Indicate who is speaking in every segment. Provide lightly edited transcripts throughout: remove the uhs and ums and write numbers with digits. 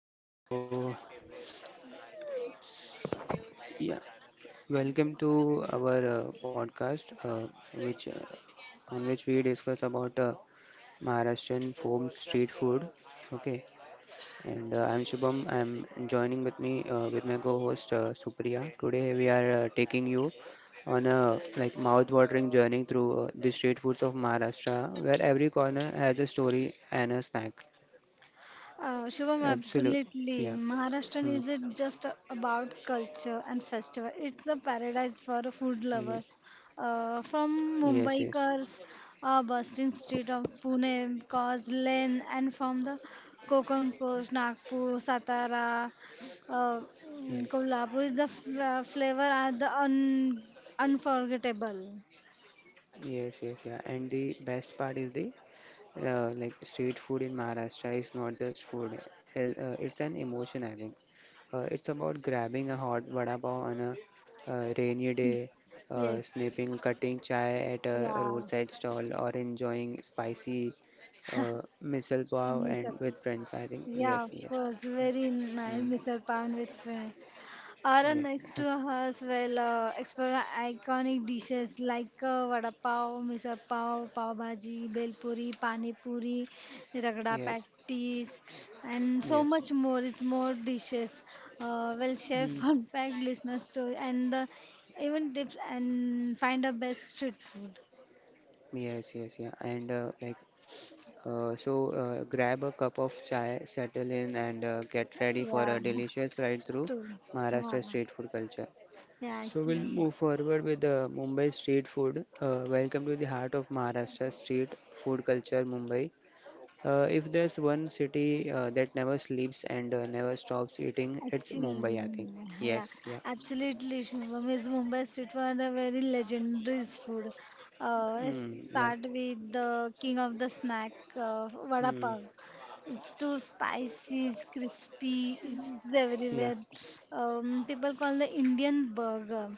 Speaker 1: Okay, so yeah, welcome to our podcast, which on which we discuss about Maharashtrian home street food. Okay, and I'm Shubham. I'm joining with me with my co-host Supriya. Today we are taking you on a like mouth-watering journey through the street foods of Maharashtra, where every corner has a story and a snack.
Speaker 2: Shivam,
Speaker 1: Absolute,
Speaker 2: absolutely.
Speaker 1: yeah.
Speaker 2: Maharashtra
Speaker 1: Hmm.
Speaker 2: isn't just about culture and festival. It's a paradise for a
Speaker 1: Yes.
Speaker 2: food lover. From
Speaker 1: Yes. Yes.
Speaker 2: Mumbaikars, bustling street of Pune, Cos Lane, and from the Konkan coast, Nagpur, Satara, uh,
Speaker 1: Yes.
Speaker 2: Kolhapur, the flavor are the un unforgettable.
Speaker 1: Yes, yes, yeah. And the best part is the like street food in Maharashtra is not just food. It's an emotion, I think. It's about grabbing a hot vada pav on a rainy day,
Speaker 2: Yes.
Speaker 1: snipping, cutting chai at a
Speaker 2: Yeah.
Speaker 1: roadside stall, or enjoying spicy misal pav
Speaker 2: Miss
Speaker 1: and
Speaker 2: up.
Speaker 1: with friends. I think
Speaker 2: Yeah,
Speaker 1: yes,
Speaker 2: of
Speaker 1: yes,
Speaker 2: course.
Speaker 1: yeah.
Speaker 2: Very nice,
Speaker 1: Mm,
Speaker 2: Mr. Pan with friend. Around
Speaker 1: yes,
Speaker 2: next to us, will explore iconic dishes like vada pav, misal pav, pav bhaji, bel puri, pani puri, ragda
Speaker 1: yes,
Speaker 2: patties, and so
Speaker 1: yes,
Speaker 2: much more. It's more dishes. We'll share fun fact listeners to and the even tips and find the best street food.
Speaker 1: yes, yes, yeah. And grab a cup of chai, settle in, and get ready for a
Speaker 2: Yeah,
Speaker 1: delicious ride through
Speaker 2: store. Yeah,
Speaker 1: Maharashtra street food culture.
Speaker 2: yeah,
Speaker 1: So we'll
Speaker 2: actually.
Speaker 1: move forward with the Mumbai street food. Welcome to the heart of Maharashtra street food culture, Mumbai. If there's one city that never sleeps and never stops eating, it's
Speaker 2: Actually,
Speaker 1: Mumbai, I think.
Speaker 2: yeah,
Speaker 1: Yes, yeah,
Speaker 2: absolutely. Shubham is Mumbai street food a very legendary food. Let's
Speaker 1: mm, yeah,
Speaker 2: start with the king of the snack, vada
Speaker 1: mm,
Speaker 2: pav. It's too spicy, it's crispy, it's
Speaker 1: yeah,
Speaker 2: everywhere. People call the Indian burger,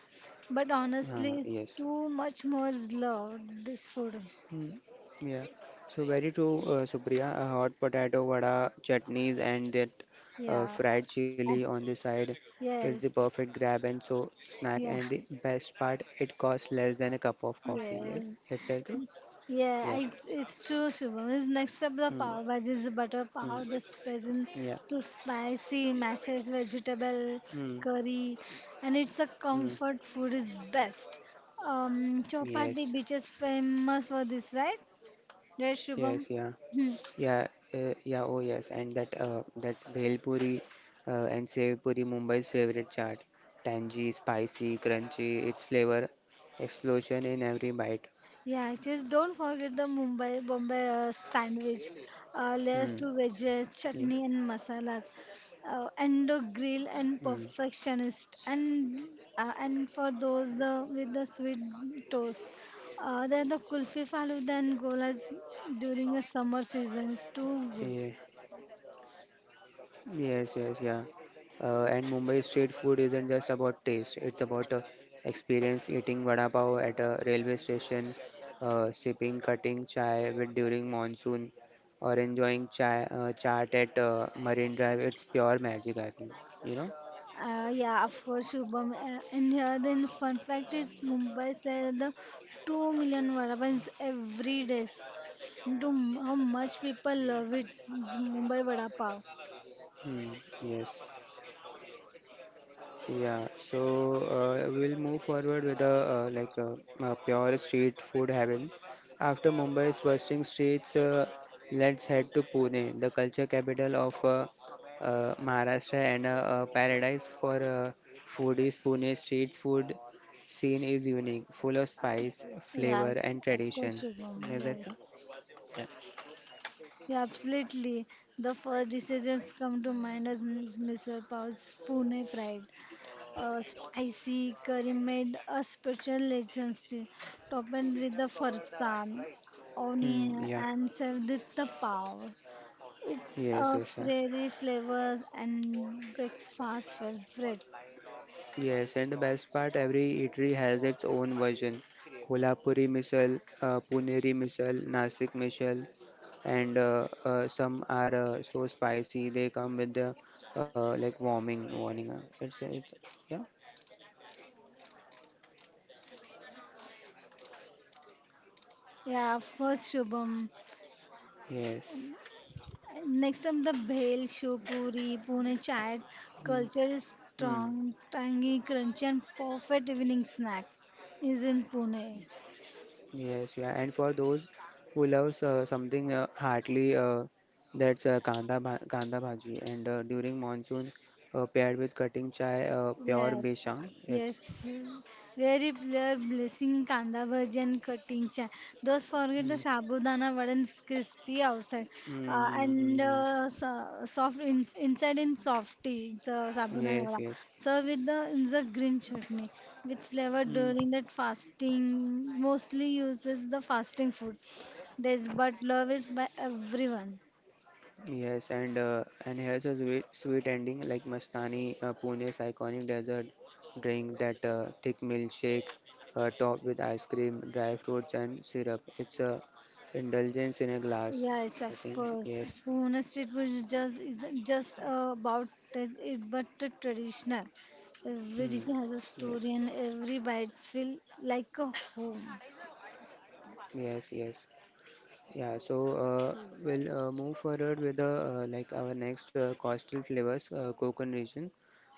Speaker 2: but honestly, it's
Speaker 1: yes.
Speaker 2: too much more is loved. This food,
Speaker 1: Mm, yeah, so very true, Supriya. A hot potato vada, chutneys, and that
Speaker 2: yeah,
Speaker 1: fried chili
Speaker 2: I,
Speaker 1: on the side. It's the perfect
Speaker 2: yes,
Speaker 1: grab and so snack.
Speaker 2: yeah,
Speaker 1: And the best part, it costs less than a cup of coffee.
Speaker 2: yeah.
Speaker 1: Yes, it's true?
Speaker 2: Yeah,
Speaker 1: Yeah.
Speaker 2: it's true, Shubham. Is next up the
Speaker 1: Mm,
Speaker 2: pav bhaji is butter
Speaker 1: mm,
Speaker 2: pav, the spice
Speaker 1: yeah.
Speaker 2: to spicy masses, vegetable
Speaker 1: Mm,
Speaker 2: curry, and it's a
Speaker 1: mm,
Speaker 2: comfort food is best.
Speaker 1: yes.
Speaker 2: Chopati beach is famous for this, right? Right,
Speaker 1: Yes.
Speaker 2: Shubham?
Speaker 1: Yeah.
Speaker 2: Hmm.
Speaker 1: Yeah, yeah, oh yes, and that's bhel puri and sev puri, Mumbai's favorite chaat. Tangy, spicy, crunchy, its flavor explosion in every bite.
Speaker 2: Yeah, just don't forget the Mumbai Bombay sandwich, layers
Speaker 1: Hmm.
Speaker 2: to
Speaker 1: Yeah.
Speaker 2: veggies, chutney and masalas, and the grill
Speaker 1: Hmm.
Speaker 2: and perfectionist, and for those the with the sweet toast, then the kulfi faluda and golas during the summer season is
Speaker 1: Yeah.
Speaker 2: too good.
Speaker 1: Yes, yes, yeah. And Mumbai street food isn't just about taste, it's about experience eating vada pav at a railway station, sipping cutting chai with during monsoon, or enjoying chai chaat at Marine Drive. It's pure magic, I think. You know?
Speaker 2: Yeah, of course, Shubham. And here, the fun fact is Mumbai sells the 2 million vada pavs every day. Do how much people love it, the Mumbai vada pav.
Speaker 1: Hmm, yes. Yeah, so we'll move forward with a pure street food heaven. After Mumbai's bustling streets, let's head to Pune, the culture capital of Maharashtra and a paradise for foodies. Pune's street food scene is unique, full of spice, flavor,
Speaker 2: Yes,
Speaker 1: and
Speaker 2: of course,
Speaker 1: tradition.
Speaker 2: Shubham.
Speaker 1: Is that
Speaker 2: Yes,
Speaker 1: so? Yeah.
Speaker 2: yeah, absolutely. The first decisions come to mind as misal pav's Pune pride. Spicy curry made a special legendary, topped with the farsan,
Speaker 1: Hmm,
Speaker 2: onion,
Speaker 1: yeah.
Speaker 2: and served with the pav. It's
Speaker 1: Yes,
Speaker 2: a
Speaker 1: yes, yeah.
Speaker 2: fairy flavors and breakfast favorite.
Speaker 1: Yes, and the best part, every eatery has its own version. Kolhapuri misal, Puneri misal, Nasik misal, and some are so spicy they come with the like warming warning. Yeah,
Speaker 2: Yeah, of course, Shubham.
Speaker 1: yes,
Speaker 2: Um, Next up, the bhel, shopuri, pune chaat.
Speaker 1: mm.
Speaker 2: Culture is
Speaker 1: Mm.
Speaker 2: strong, tangy, crunchy, and perfect evening snack is in Pune.
Speaker 1: Yes, yeah. And for those who loves something heartily, that's kanda bhaji, and during monsoon, paired with cutting chai, pure besha.
Speaker 2: Yes,
Speaker 1: It's
Speaker 2: yes. Very clear blessing kanda bhaji and cutting cha. Those forget the
Speaker 1: hmm,
Speaker 2: shabudana vadan crispy outside and
Speaker 1: mm-hmm.
Speaker 2: so, soft in, inside in softy so sabudana
Speaker 1: Yes,
Speaker 2: vada.
Speaker 1: yes.
Speaker 2: So with the in the green chutney with flavor
Speaker 1: Mm.
Speaker 2: during that fasting mostly uses the fasting food. Days but love is by everyone.
Speaker 1: Yes, and here's a sweet, sweet ending like Mastani, Pune's iconic desert drink that thick milkshake topped with ice cream, dry fruits, and syrup. It's a indulgence in a glass,
Speaker 2: Yes,
Speaker 1: I
Speaker 2: of
Speaker 1: think. Yes.
Speaker 2: course. Pune street food is just isn't just about it, but the traditional. Every
Speaker 1: Mm.
Speaker 2: dish has a
Speaker 1: Yes.
Speaker 2: story, and every bite feel like a home.
Speaker 1: Yes. Yes. Yeah, so we'll move forward with the, like our next coastal flavors, Konkan region.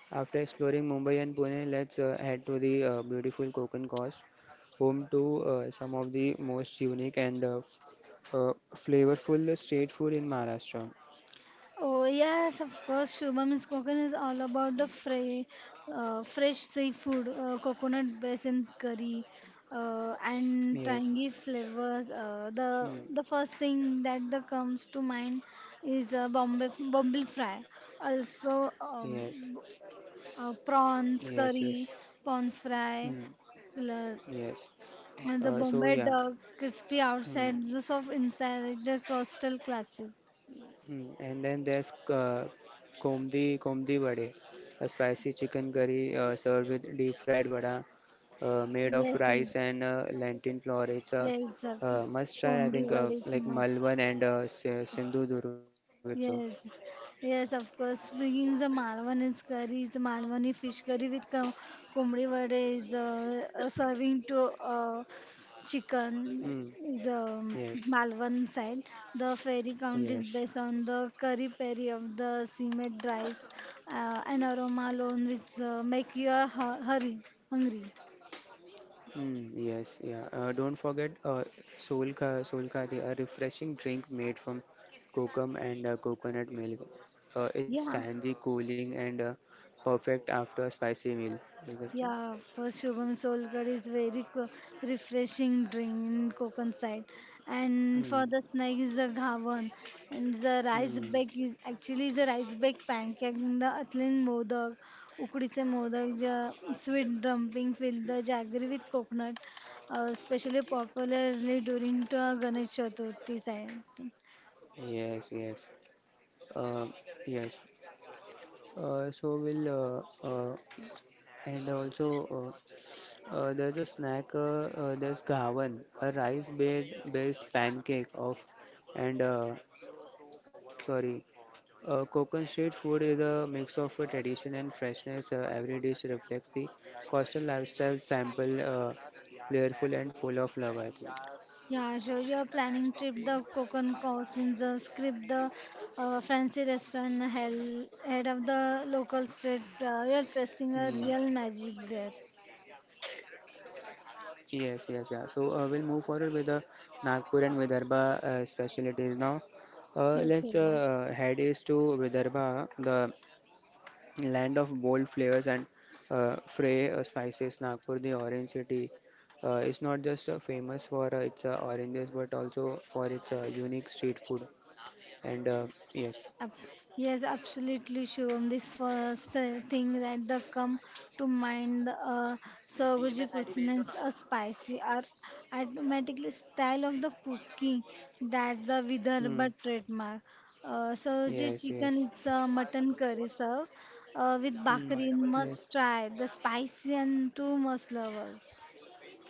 Speaker 1: After exploring Mumbai and Pune, let's head to the beautiful Konkan coast, home to some of the most unique and flavorful street food in Maharashtra.
Speaker 2: Oh yes, of course. Shubham is all about the fresh, fresh seafood, coconut based in curry, and
Speaker 1: Yes,
Speaker 2: tangy flavors. Uh, the
Speaker 1: mm.
Speaker 2: the first thing that the comes to mind is Bombay Bombay fry. Also,
Speaker 1: Yes,
Speaker 2: prawns
Speaker 1: yes, yes,
Speaker 2: curry, prawns fry,
Speaker 1: mm.
Speaker 2: la-
Speaker 1: Yes.
Speaker 2: and the
Speaker 1: So
Speaker 2: Bombay
Speaker 1: yeah.
Speaker 2: duck, crispy
Speaker 1: Mm.
Speaker 2: outside, the soft inside, the coastal classic.
Speaker 1: Mm, and then there's komdi vade, a spicy chicken curry served with deep fried vada made of
Speaker 2: Yes, yes,
Speaker 1: rice and lentil flour. It's a
Speaker 2: yes,
Speaker 1: must try, I
Speaker 2: Bombi
Speaker 1: think,
Speaker 2: is
Speaker 1: like
Speaker 2: must.
Speaker 1: Malvan and Sindhudurg. So,
Speaker 2: Yes, yes, of course. Bringing the Malwani curry, curries, Malwani fish curry with कोंबडी वडे is serving to chicken
Speaker 1: mm,
Speaker 2: is
Speaker 1: yes,
Speaker 2: Malwan side. The fairy count is
Speaker 1: yes.
Speaker 2: based on the curry peri of the simmet rice and aroma alone which make you hurry, hungry.
Speaker 1: Mm, yes, yeah. Don't forget Solka, the- a refreshing drink made from kokum and coconut milk. It's
Speaker 2: Yeah.
Speaker 1: tangy, cooling, and perfect after a spicy meal. Is that
Speaker 2: या
Speaker 1: so?
Speaker 2: फुरस्षुबम शश उलकर यही तरेस् ही गावन, छावन, और राईप्ड क्यार्स
Speaker 1: Mm,
Speaker 2: परस सुबस मैंगमे के तरेस्ट म्हावन, बड़ editor
Speaker 1: mm.
Speaker 2: qtCH이� बड़ ही छावन परर स्वबस बिर नाईए होंता क 196520 usually 3 कोडरी मुं्हायक के टो जागरी मैंने के यही और हेल। प्रल्�
Speaker 1: Yes, yes. Uh, yes. So we'll and also there's a snack. There's gawan, a rice-based based pancake of, and sorry, Konkan street food is a mix of tradition and freshness. Every dish reflects the coastal lifestyle, sample, flavorful and full of love, I think.
Speaker 2: Yeah, sure. You're planning trip the coconut costumes, the script the fancy restaurant, hell, head of the local street. You're
Speaker 1: Mm.
Speaker 2: testing a real magic there.
Speaker 1: Yes, yes, yeah. So we'll move forward with the Nagpur and Vidarbha specialties now. Let's
Speaker 2: Okay.
Speaker 1: head east to Vidarbha. The land of bold flavors and fray spices, Nagpur, the orange city, is not just famous for its oranges but also for its unique street food. And yes,
Speaker 2: Ab- Yes, absolutely, Shivam. This first thing that the come to mind, Sagoji cuisines are spicy are automatically style of the cooking. That's the
Speaker 1: mm,
Speaker 2: Vidarbha trademark. Sagoji
Speaker 1: yes,
Speaker 2: chicken,
Speaker 1: yes,
Speaker 2: it's a mutton curry serve with
Speaker 1: mm,
Speaker 2: bakri.
Speaker 1: yes,
Speaker 2: Must try the spicy and two must lovers.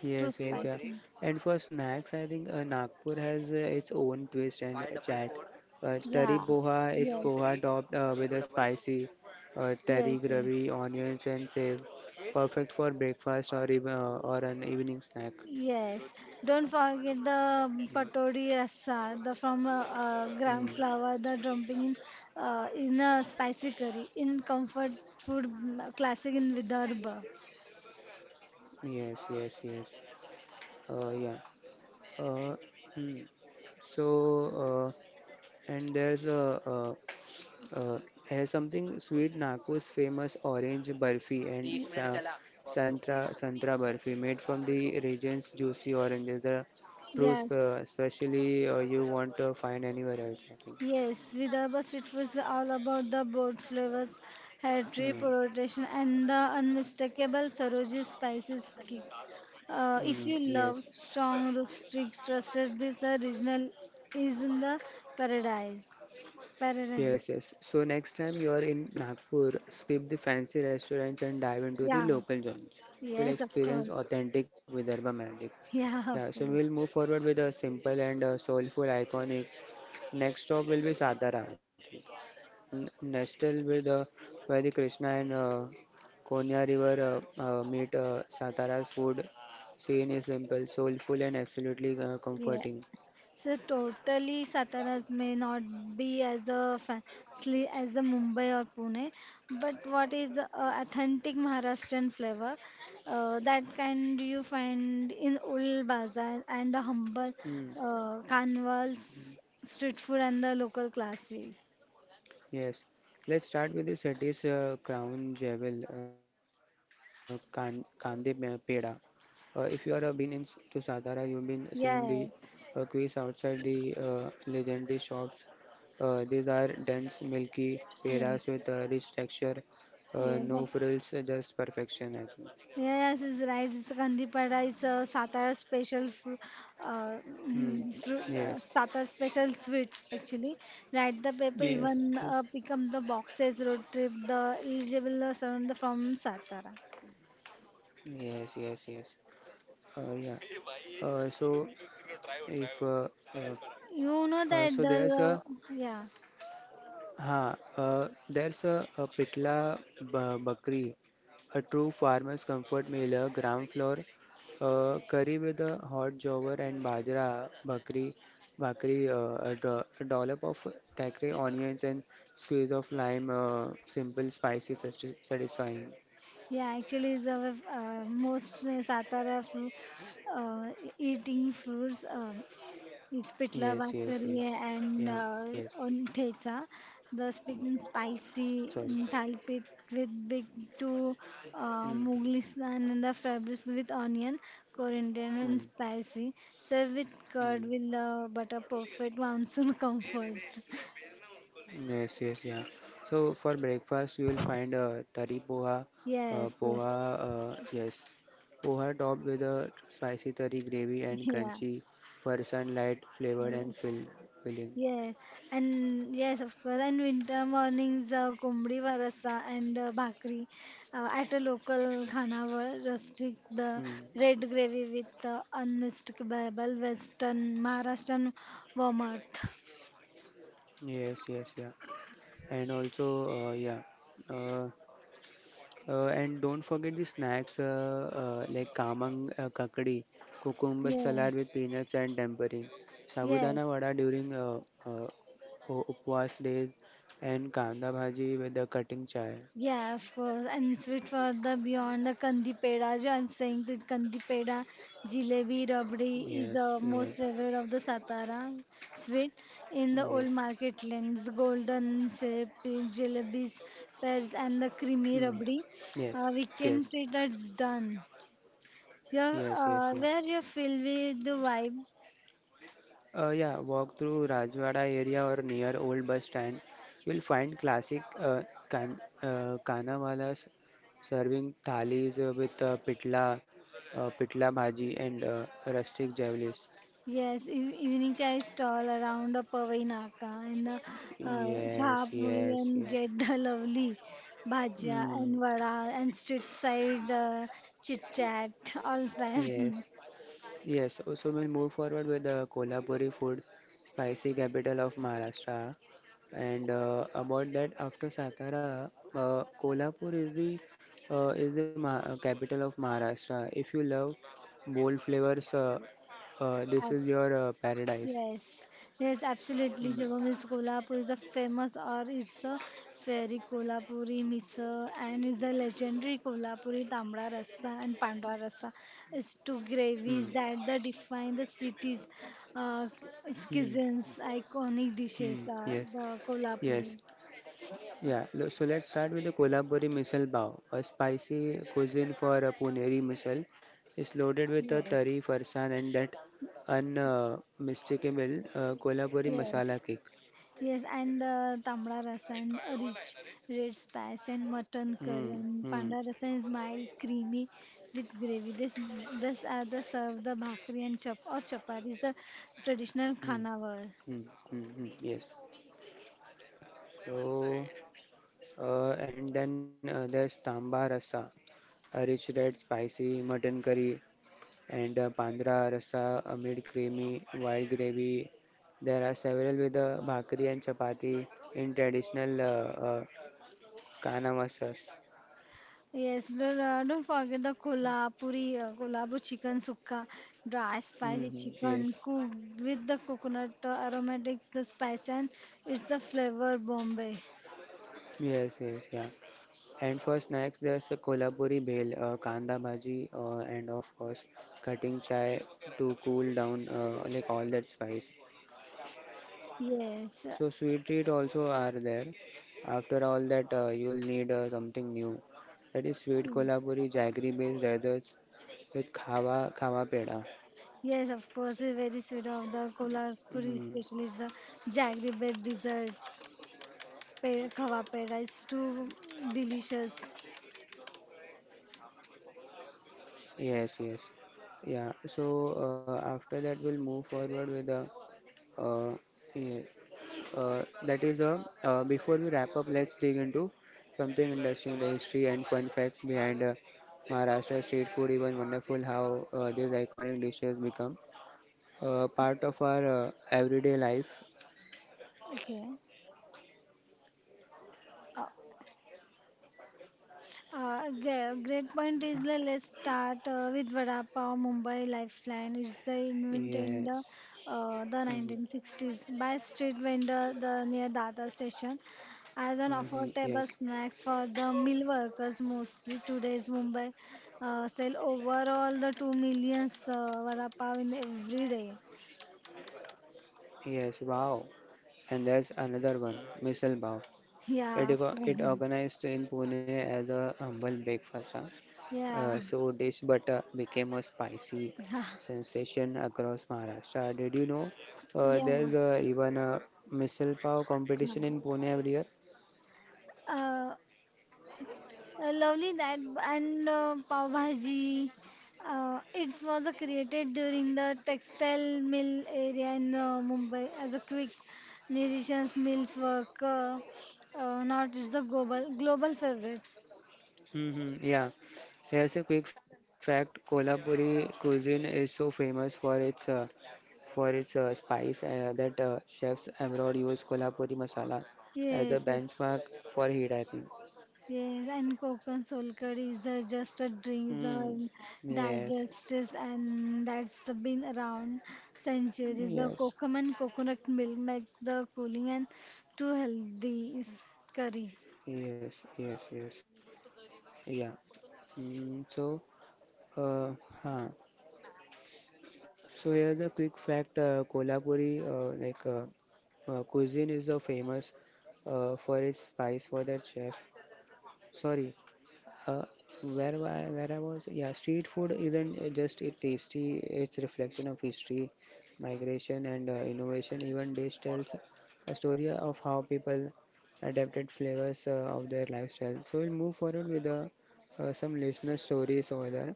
Speaker 2: It's too
Speaker 1: yes, yes, yeah.
Speaker 2: spicy.
Speaker 1: And for snacks, I think Nagpur has its own twist and chat. Tari
Speaker 2: Yeah.
Speaker 1: boha, it's
Speaker 2: Yes.
Speaker 1: boha topped with a spicy tari
Speaker 2: Yes. Yes.
Speaker 1: gravy, onions, and save. Perfect for breakfast or even or an evening snack.
Speaker 2: Yes, don't forget the
Speaker 1: Mm.
Speaker 2: patori rasa, the from
Speaker 1: Mm.
Speaker 2: gram flour, the dumping in a spicy curry, in comfort food classic in Vidarbha.
Speaker 1: Yes, yes, yes. Yeah. Uh, mm. So, and there's a Uh, has something sweet Nagpur's famous orange burfi and
Speaker 2: Y-
Speaker 1: santra burfi made from the region's juicy oranges. The proofs,
Speaker 2: Yes,
Speaker 1: especially you won't find anywhere else. I think.
Speaker 2: yes, Vidarbha street food is all about the bold flavors, hearty
Speaker 1: Hmm.
Speaker 2: presentation, and the unmistakable Saroji spices kick. If you
Speaker 1: Mm,
Speaker 2: love
Speaker 1: yes,
Speaker 2: strong rustic trusted, this regional is in the paradise. Paradise.
Speaker 1: yes, yes. So next time you are in Nagpur, skip the fancy restaurants and dive into the
Speaker 2: Yeah.
Speaker 1: local joints. You'll
Speaker 2: Yes, of
Speaker 1: experience
Speaker 2: course.
Speaker 1: authentic Vidarbha magic.
Speaker 2: Yeah,
Speaker 1: Yeah,
Speaker 2: of
Speaker 1: so we'll
Speaker 2: course.
Speaker 1: move forward with a simple and soulful iconic. Next stop will be Satarama. Um, nestled with where the Krishna and Konya River meet. Satara's food scene is simple, soulful, and absolutely
Speaker 2: Yeah.
Speaker 1: comforting.
Speaker 2: So totally Sataras may not be as a fancy as a Mumbai or Pune, but what is a authentic Maharashtrian flavor that kind you find in old bazaar and the humble
Speaker 1: Mm,
Speaker 2: carnivals, street food and the local classic.
Speaker 1: yes, let's start with the city's crown jewel, Kandipeda. If you are to Satara, you've been seeing the quays
Speaker 2: Yes,
Speaker 1: outside the legendary shops. These are dense, milky pedas with
Speaker 2: yes,
Speaker 1: a rich texture,
Speaker 2: yes.
Speaker 1: no frills, just perfection. I think.
Speaker 2: Yes, is right. Gandhipada is a Satara special, uh,
Speaker 1: Hmm.
Speaker 2: fruit,
Speaker 1: Yes.
Speaker 2: Satara special sweets actually. Right, the people
Speaker 1: Yes.
Speaker 2: even
Speaker 1: Yes.
Speaker 2: pick up the boxes road trip. The eligible surround from Satara.
Speaker 1: Yes. Yes. Yes. Yeah. So if uh,
Speaker 2: You know that
Speaker 1: so there's
Speaker 2: the
Speaker 1: a
Speaker 2: yeah
Speaker 1: Huh, there's a Pitla Bakri, a true farmer's comfort meal, a gram flour, curry with a hot jawar and bajra bakri, a dollop of takri onions and squeeze of lime, simple, spicy, satisfying.
Speaker 2: yeah actually is the most Satara uh, eating fruits. Ispitla
Speaker 1: Yes, yes, yes.
Speaker 2: Bakaria and
Speaker 1: Yeah, yes.
Speaker 2: on Thecha, the speaking spicy
Speaker 1: Sorry.
Speaker 2: Thai pit with big two
Speaker 1: Mm,
Speaker 2: Mughli slan and the fabrics with onion, coriander and
Speaker 1: mm,
Speaker 2: spicy. Serve with curd with
Speaker 1: mm.
Speaker 2: the butter perfect monsoon comfort.
Speaker 1: Yes, yes, yeah. So for breakfast, you will find
Speaker 2: Yes, yes,
Speaker 1: poha, yes, poha topped with a spicy tari gravy and
Speaker 2: yeah,
Speaker 1: kanchi for sunlight
Speaker 2: yes.
Speaker 1: filling.
Speaker 2: Yeah, and yes, of course. And winter mornings, कोंबडी रस्सा and bhakri at a local khanavar, rustic, the
Speaker 1: Hmm.
Speaker 2: red gravy with unmistakable Western Maharashtrian warmth.
Speaker 1: Yes, yes, yeah. And also, yeah, uh, and don't forget the snacks like kamang kakdi, cucumber
Speaker 2: Yeah,
Speaker 1: salad with peanuts and tempering, sabudana
Speaker 2: yes,
Speaker 1: vada during uh, upvas days, and kanda bhaji with the cutting chai.
Speaker 2: yeah, of course. And sweet for the beyond the kandi peda. I'm saying the kandi peda, jalebi, rabdi
Speaker 1: Yes,
Speaker 2: is a
Speaker 1: yes,
Speaker 2: most favorite of the Satara sweet in the
Speaker 1: yes.
Speaker 2: old market lanes. Golden shape, jalebis, pears, and the creamy
Speaker 1: Mm.
Speaker 2: rabdi.
Speaker 1: Yes, yes,
Speaker 2: Weekend treat that's done. Your
Speaker 1: yes, yes, yeah.
Speaker 2: where you feel with the vibe
Speaker 1: Yeah, walk through Rajwada area or near old bus stand. You'll find classic kan Kanawallas serving thalis with pitla bhaji and rustic javelis.
Speaker 2: yes, evening chai stall around a pawai naka and the
Speaker 1: Yes,
Speaker 2: shahpuri
Speaker 1: yes,
Speaker 2: and
Speaker 1: yes.
Speaker 2: get the lovely bhajia and
Speaker 1: Mm,
Speaker 2: vada and street side chit chat all the
Speaker 1: yes.
Speaker 2: time.
Speaker 1: Yes, so so we'll move forward with the Kolhapuri food, spicy capital of Maharashtra. And about that, after Satara, Kolhapur is the ma capital of Maharashtra. If you love bold flavors, this is your paradise.
Speaker 2: Yes, yes, absolutely.
Speaker 1: Mm,
Speaker 2: Shubham is Kolhapur is a famous or it's a fairy Kolhapuri misal and is a legendary Kolhapuri Tambra Rasa and Pandra Rasa. It's two
Speaker 1: mm,
Speaker 2: gravies that the define the city's uh,
Speaker 1: mm,
Speaker 2: cuisines, iconic
Speaker 1: mm,
Speaker 2: dishes are
Speaker 1: yes,
Speaker 2: the Kolhapuri.
Speaker 1: yes. Yeah, so let's start with the Kolhapuri misal pav, a spicy cuisine for a Puneri misal. It's loaded with a tari,
Speaker 2: Yes,
Speaker 1: farsan, and that unmistakable Kolhapuri masala
Speaker 2: yes.
Speaker 1: kick.
Speaker 2: Yes, and the tamra rasa and a rich red spice and mutton
Speaker 1: Hmm,
Speaker 2: curry and
Speaker 1: hmm,
Speaker 2: panda rasa is mild, creamy with gravy. This are the serve the bhakri and chap or chapati is the traditional
Speaker 1: hmm,
Speaker 2: khanawar.
Speaker 1: hmm, hmm, hmm, yes. So, and then there's tamba rasa, a rich red spicy mutton curry and Bandra rasa amid creamy white gravy. There are several with bhakri and chapati in traditional uh, Kana masas.
Speaker 2: Yes, don't forget the kolhapuri kolhapur chicken sukka, dry spicy
Speaker 1: Mhm,
Speaker 2: chicken
Speaker 1: yes,
Speaker 2: cooked with the coconut aromatics, the spice and it's the flavor Bombay.
Speaker 1: yes, yes, yeah. And for snacks, there's a Kolhapuri bhel, kanda bhaji, and of course, cutting chai to cool down like all that spice.
Speaker 2: Yes,
Speaker 1: So sweet treat also are there. After all that, you'll need something new. That is sweet
Speaker 2: yes.
Speaker 1: Kolhapuri jaggery based desserts with Khava Peda.
Speaker 2: Yes, of course, it's very sweet of the Kolhapuri,
Speaker 1: Mm,
Speaker 2: especially the jaggery bread dessert. Khava peda is too delicious.
Speaker 1: yes, yes. Yeah. So after that, we'll move forward with the. Uh, yeah, that is the. Before we wrap up, let's dig into something interesting, the history and fun facts behind Maharashtra street food. Even wonderful how these iconic dishes become part of our everyday life.
Speaker 2: Okay. Great point is let's start with Vada Pav Mumbai Lifeline. It's the invent in
Speaker 1: Yes.
Speaker 2: the
Speaker 1: Mm-hmm.
Speaker 2: 1960s by street vendor the near Dada station as an
Speaker 1: Mm-hmm.
Speaker 2: affordable
Speaker 1: Yes.
Speaker 2: snacks for the mill workers mostly today's Mumbai sell overall the 2 millions Vada Pav in every day.
Speaker 1: Yes. Wow. And there's another one, misal pav.
Speaker 2: Yeah,
Speaker 1: It,
Speaker 2: of course.
Speaker 1: it organized in Pune as a humble breakfast. Huh?
Speaker 2: Yeah.
Speaker 1: So dish butter became a spicy sensation across Maharashtra. Did you know
Speaker 2: Yeah.
Speaker 1: there's even a missile power competition in Pune every year?
Speaker 2: Uh, Lovely that and pav bhaji. It was created during the textile mill area in Mumbai as a quick nutritious meals work. Not it's the global global favorite.
Speaker 1: Hmm, yeah. Here's a quick fact: Kolhapuri cuisine is so famous for its spice that chefs abroad use Kolhapuri masala as a
Speaker 2: Yes, yes,
Speaker 1: benchmark for heat. I think.
Speaker 2: yes. And coconut soul curry is just a drink, the
Speaker 1: Mm. Yes.
Speaker 2: digestives, and that's the been around centuries. The
Speaker 1: Yes,
Speaker 2: coconut and coconut milk make the cooling and too healthy is curry.
Speaker 1: yes, yes, yes. Yeah. Mm, so, uh, huh. So here's a quick fact: Kolhapuri, like cuisine, is famous for its spice for their chef. Sorry. Uh, where I was, yeah, street food isn't just it tasty, it's reflection of history, migration, and innovation. Even dish tells a story of how people adapted flavors of their lifestyle. So we'll move forward with some listener stories over there.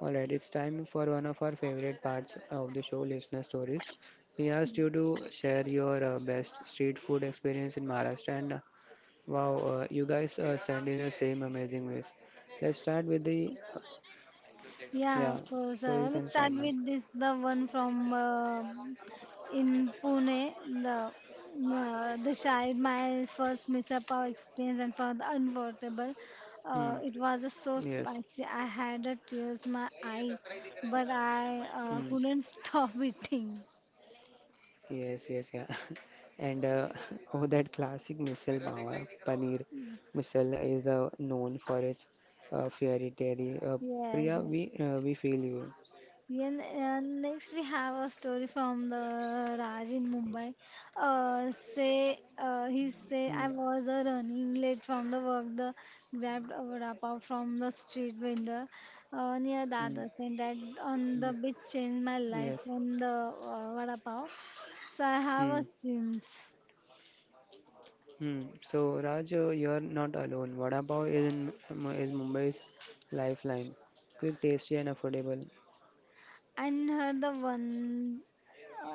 Speaker 1: All right, it's time for one of our favorite parts of the show, listener stories. We asked you to share your best street food experience in Maharashtra, and wow, you guys send in the same amazing ways. Let's start with the
Speaker 2: Yeah,
Speaker 1: yeah.
Speaker 2: of course.
Speaker 1: So you
Speaker 2: Let's
Speaker 1: can
Speaker 2: start
Speaker 1: start now.
Speaker 2: with this, the one from in Pune, the child, my first Mr. Pav experience and for the unforgettable.
Speaker 1: Mm,
Speaker 2: It was so
Speaker 1: yes.
Speaker 2: spicy. I had tears in my eyes, but I
Speaker 1: Mm,
Speaker 2: couldn't stop eating.
Speaker 1: yes. Yes. Yeah. And oh, that classic missile power paneer missile is known for its fairy tale.
Speaker 2: Yes.
Speaker 1: Priya, we feel you.
Speaker 2: And next we have a story from the Raj in Mumbai. Say He say I
Speaker 1: Mm,
Speaker 2: was running late from the work. The grabbed a vada pav from the street vendor near
Speaker 1: mm,
Speaker 2: Dadas, and that on the
Speaker 1: mm,
Speaker 2: beach changed my life
Speaker 1: yes.
Speaker 2: when the vada pav. So I have a
Speaker 1: Hmm.
Speaker 2: Sims.
Speaker 1: Hmm. So Raj, you're not alone. Vada pav is in, M- is Mumbai's lifeline. Quick, tasty, and affordable.
Speaker 2: And her the one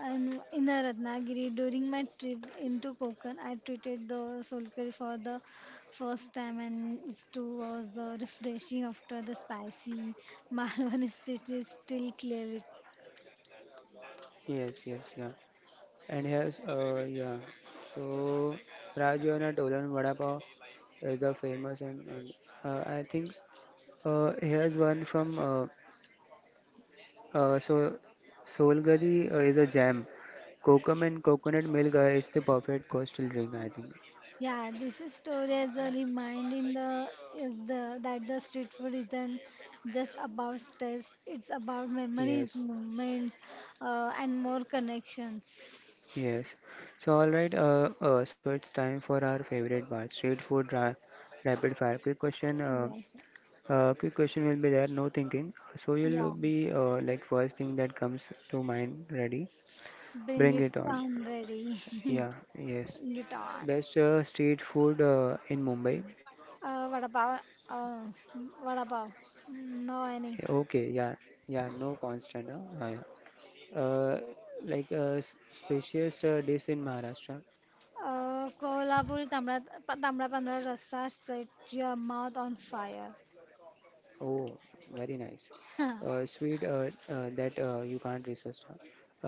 Speaker 2: and in the Ratnagiri during my trip into Konkan, I treated the solkari for the first time, and it too was the refreshing after the spicy Malwan, especially still clear with.
Speaker 1: Yes, yes, yeah. And here's yeah. So Raj, you're not alone. Vada pav is the famous and I think here's one from so Solgadi is a jam. Kokum and coconut milk is the perfect coastal drink, I think.
Speaker 2: Yeah, this is story as a reminder in the is the that the street food isn't just about taste; it's about memories,
Speaker 1: Yes.
Speaker 2: moments, and more connections.
Speaker 1: Yes. So all right. So it's time for our favorite part, street food ra rapid fire. Quick question.
Speaker 2: Yeah, sure.
Speaker 1: Quick question will be there. No thinking. So
Speaker 2: Yeah.
Speaker 1: you'll be like first thing that comes to mind. Ready?
Speaker 2: Bring
Speaker 1: Bring
Speaker 2: it
Speaker 1: it on.
Speaker 2: on, ready.
Speaker 1: Yeah. Yes.
Speaker 2: Bring it on.
Speaker 1: Best street food in Mumbai.
Speaker 2: What about? Uh, what about? No, any.
Speaker 1: Yeah, okay. Yeah. Yeah. No constant. Huh? Yeah. Like spiciest dish in Maharashtra.
Speaker 2: Kolhapuri tamra tamra pandra rasa set your mouth on fire.
Speaker 1: Oh, very nice. Sweet that you can't resist. Huh?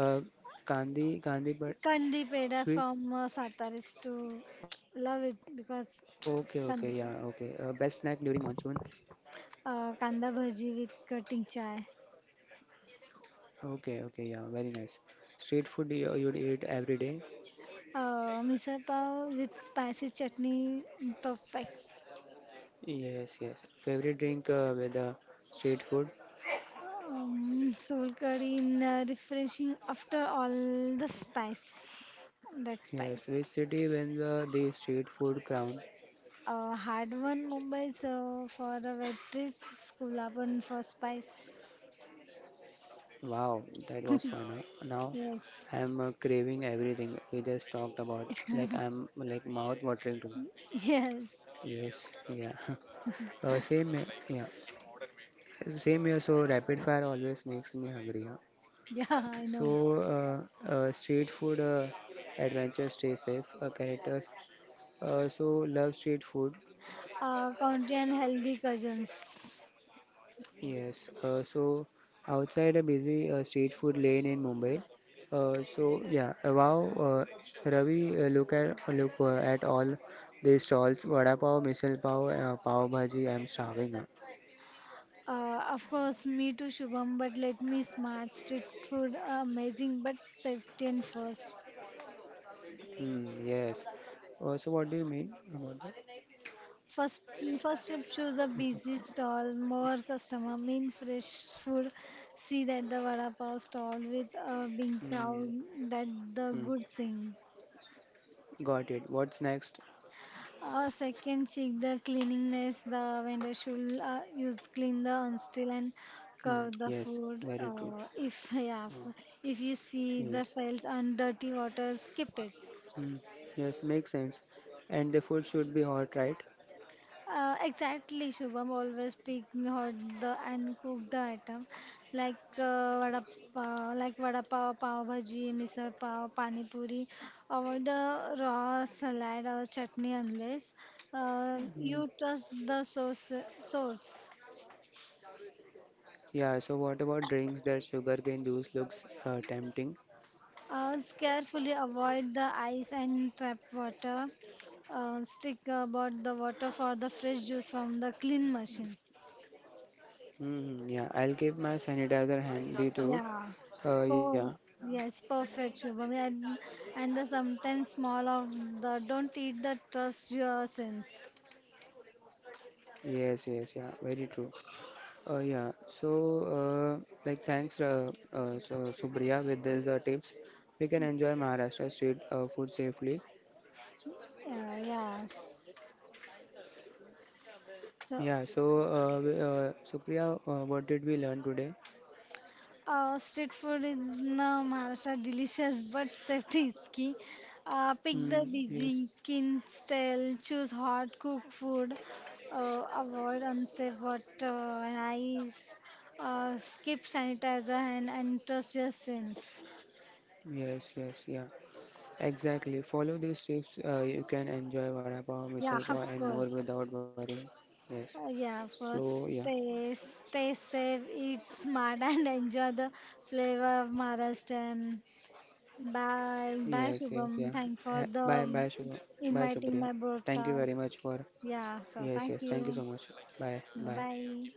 Speaker 1: Gandhi, but
Speaker 2: Kandi peda
Speaker 1: sweet.
Speaker 2: from Satara is to
Speaker 1: Okay,
Speaker 2: love
Speaker 1: okay,
Speaker 2: it
Speaker 1: yeah, okay.
Speaker 2: because
Speaker 1: Best
Speaker 2: it's
Speaker 1: snack
Speaker 2: kandi
Speaker 1: during
Speaker 2: peda.
Speaker 1: monsoon.
Speaker 2: Kanda bhaji with cutting chai.
Speaker 1: Okay, okay, yeah, very nice. Street food you'd eat every day.
Speaker 2: Misal pav with spicy chutney, perfect.
Speaker 1: Yes, yes. Favorite drink with the street food.
Speaker 2: Soul curry in refreshing after all the spice. That
Speaker 1: Yes,
Speaker 2: spice.
Speaker 1: which city wins the street food crown?
Speaker 2: Hard one Mumbai so for a waitress, Kulaban for spice.
Speaker 1: Wow, that was fun. Huh? Now
Speaker 2: Yes,
Speaker 1: I'm craving everything we just talked about. Like I'm like mouth watering too.
Speaker 2: yes,
Speaker 1: Yes, yeah. Yeah. Same here. So rapid fire always makes me hungry. Huh?
Speaker 2: yeah, I
Speaker 1: So
Speaker 2: know.
Speaker 1: street food, adventure, stay safe. Characters. So love street food.
Speaker 2: Country and healthy cousins.
Speaker 1: Yes. So outside a busy street food lane in Mumbai. So yeah. Wow. Ravi, look at all these stalls. Vada pav, misal pav, pav bhaji. I'm starving. Yeah.
Speaker 2: Of course, me too, Shubham. But let me smart street food, amazing, but safety and first.
Speaker 1: Hmm. Yes. So what do you mean about that?
Speaker 2: First, first tip: choose a busy stall, more customer, mean fresh food. See that the vada pav stall with a big
Speaker 1: Hmm.
Speaker 2: crowd that the
Speaker 1: Hmm.
Speaker 2: good thing.
Speaker 1: Got it. What's next?
Speaker 2: Second, check the cleanliness. The vendor should use clean the unstill and
Speaker 1: Hmm.
Speaker 2: curve the
Speaker 1: Yes,
Speaker 2: food.
Speaker 1: very true.
Speaker 2: If yeah,
Speaker 1: Mm,
Speaker 2: if you see the
Speaker 1: yes.
Speaker 2: files and dirty water, skip it.
Speaker 1: Hmm. Yes, makes sense. And the food should be hot, right?
Speaker 2: Exactly, Shubham. Always pick hot the and cook the item like vada pav, pav bhaji, misal pav, pani puri. Avoid the raw salad or chutney unless
Speaker 1: Hmm.
Speaker 2: you trust the source. Source.
Speaker 1: Yeah, so what about drinks that sugarcane juice looks tempting?
Speaker 2: Carefully avoid the ice and trap water. Stick about the water for the fresh juice from the clean machines.
Speaker 1: Hmm. Hmm, yeah, I'll keep my sanitizer handy too.
Speaker 2: Yeah.
Speaker 1: Yeah,
Speaker 2: Oh, yes, perfect, Shubham. Yeah, and the sometimes small of the don't eat the trust your sense.
Speaker 1: yes, yes, yeah, very true. Yeah, so like thanks so, Supriya with these tips. We can enjoy Maharashtra street food safely.
Speaker 2: Yeah, yeah. So,
Speaker 1: Yeah, so Supriya, what did we learn today?
Speaker 2: street food in Maharashtra delicious but safety is key. Pick the
Speaker 1: Mm,
Speaker 2: busy,
Speaker 1: yes,
Speaker 2: kin style, choose hot cooked food, avoid unsafe water and ice, skip sanitizer and trust your sense.
Speaker 1: yes, yes, yeah, exactly. Follow these tips, you can enjoy vada pav,
Speaker 2: Yeah,
Speaker 1: misal
Speaker 2: of
Speaker 1: pav, and more
Speaker 2: course.
Speaker 1: without worrying. Yes,
Speaker 2: Oh, yeah, first
Speaker 1: so yeah,
Speaker 2: stay safe, eat smart, and enjoy the flavor of Maharashtra. Bye, bye,
Speaker 1: yes, yes,
Speaker 2: Shubham.
Speaker 1: yeah.
Speaker 2: Thank for
Speaker 1: Ha-
Speaker 2: the
Speaker 1: bye, bye, Shubha. Bye,
Speaker 2: inviting
Speaker 1: Supriya.
Speaker 2: my
Speaker 1: Thank you
Speaker 2: broadcast.
Speaker 1: very much for.
Speaker 2: Yeah, so
Speaker 1: Yes,
Speaker 2: thank
Speaker 1: yes, thank you
Speaker 2: you.
Speaker 1: so much. Bye, bye.
Speaker 2: Bye.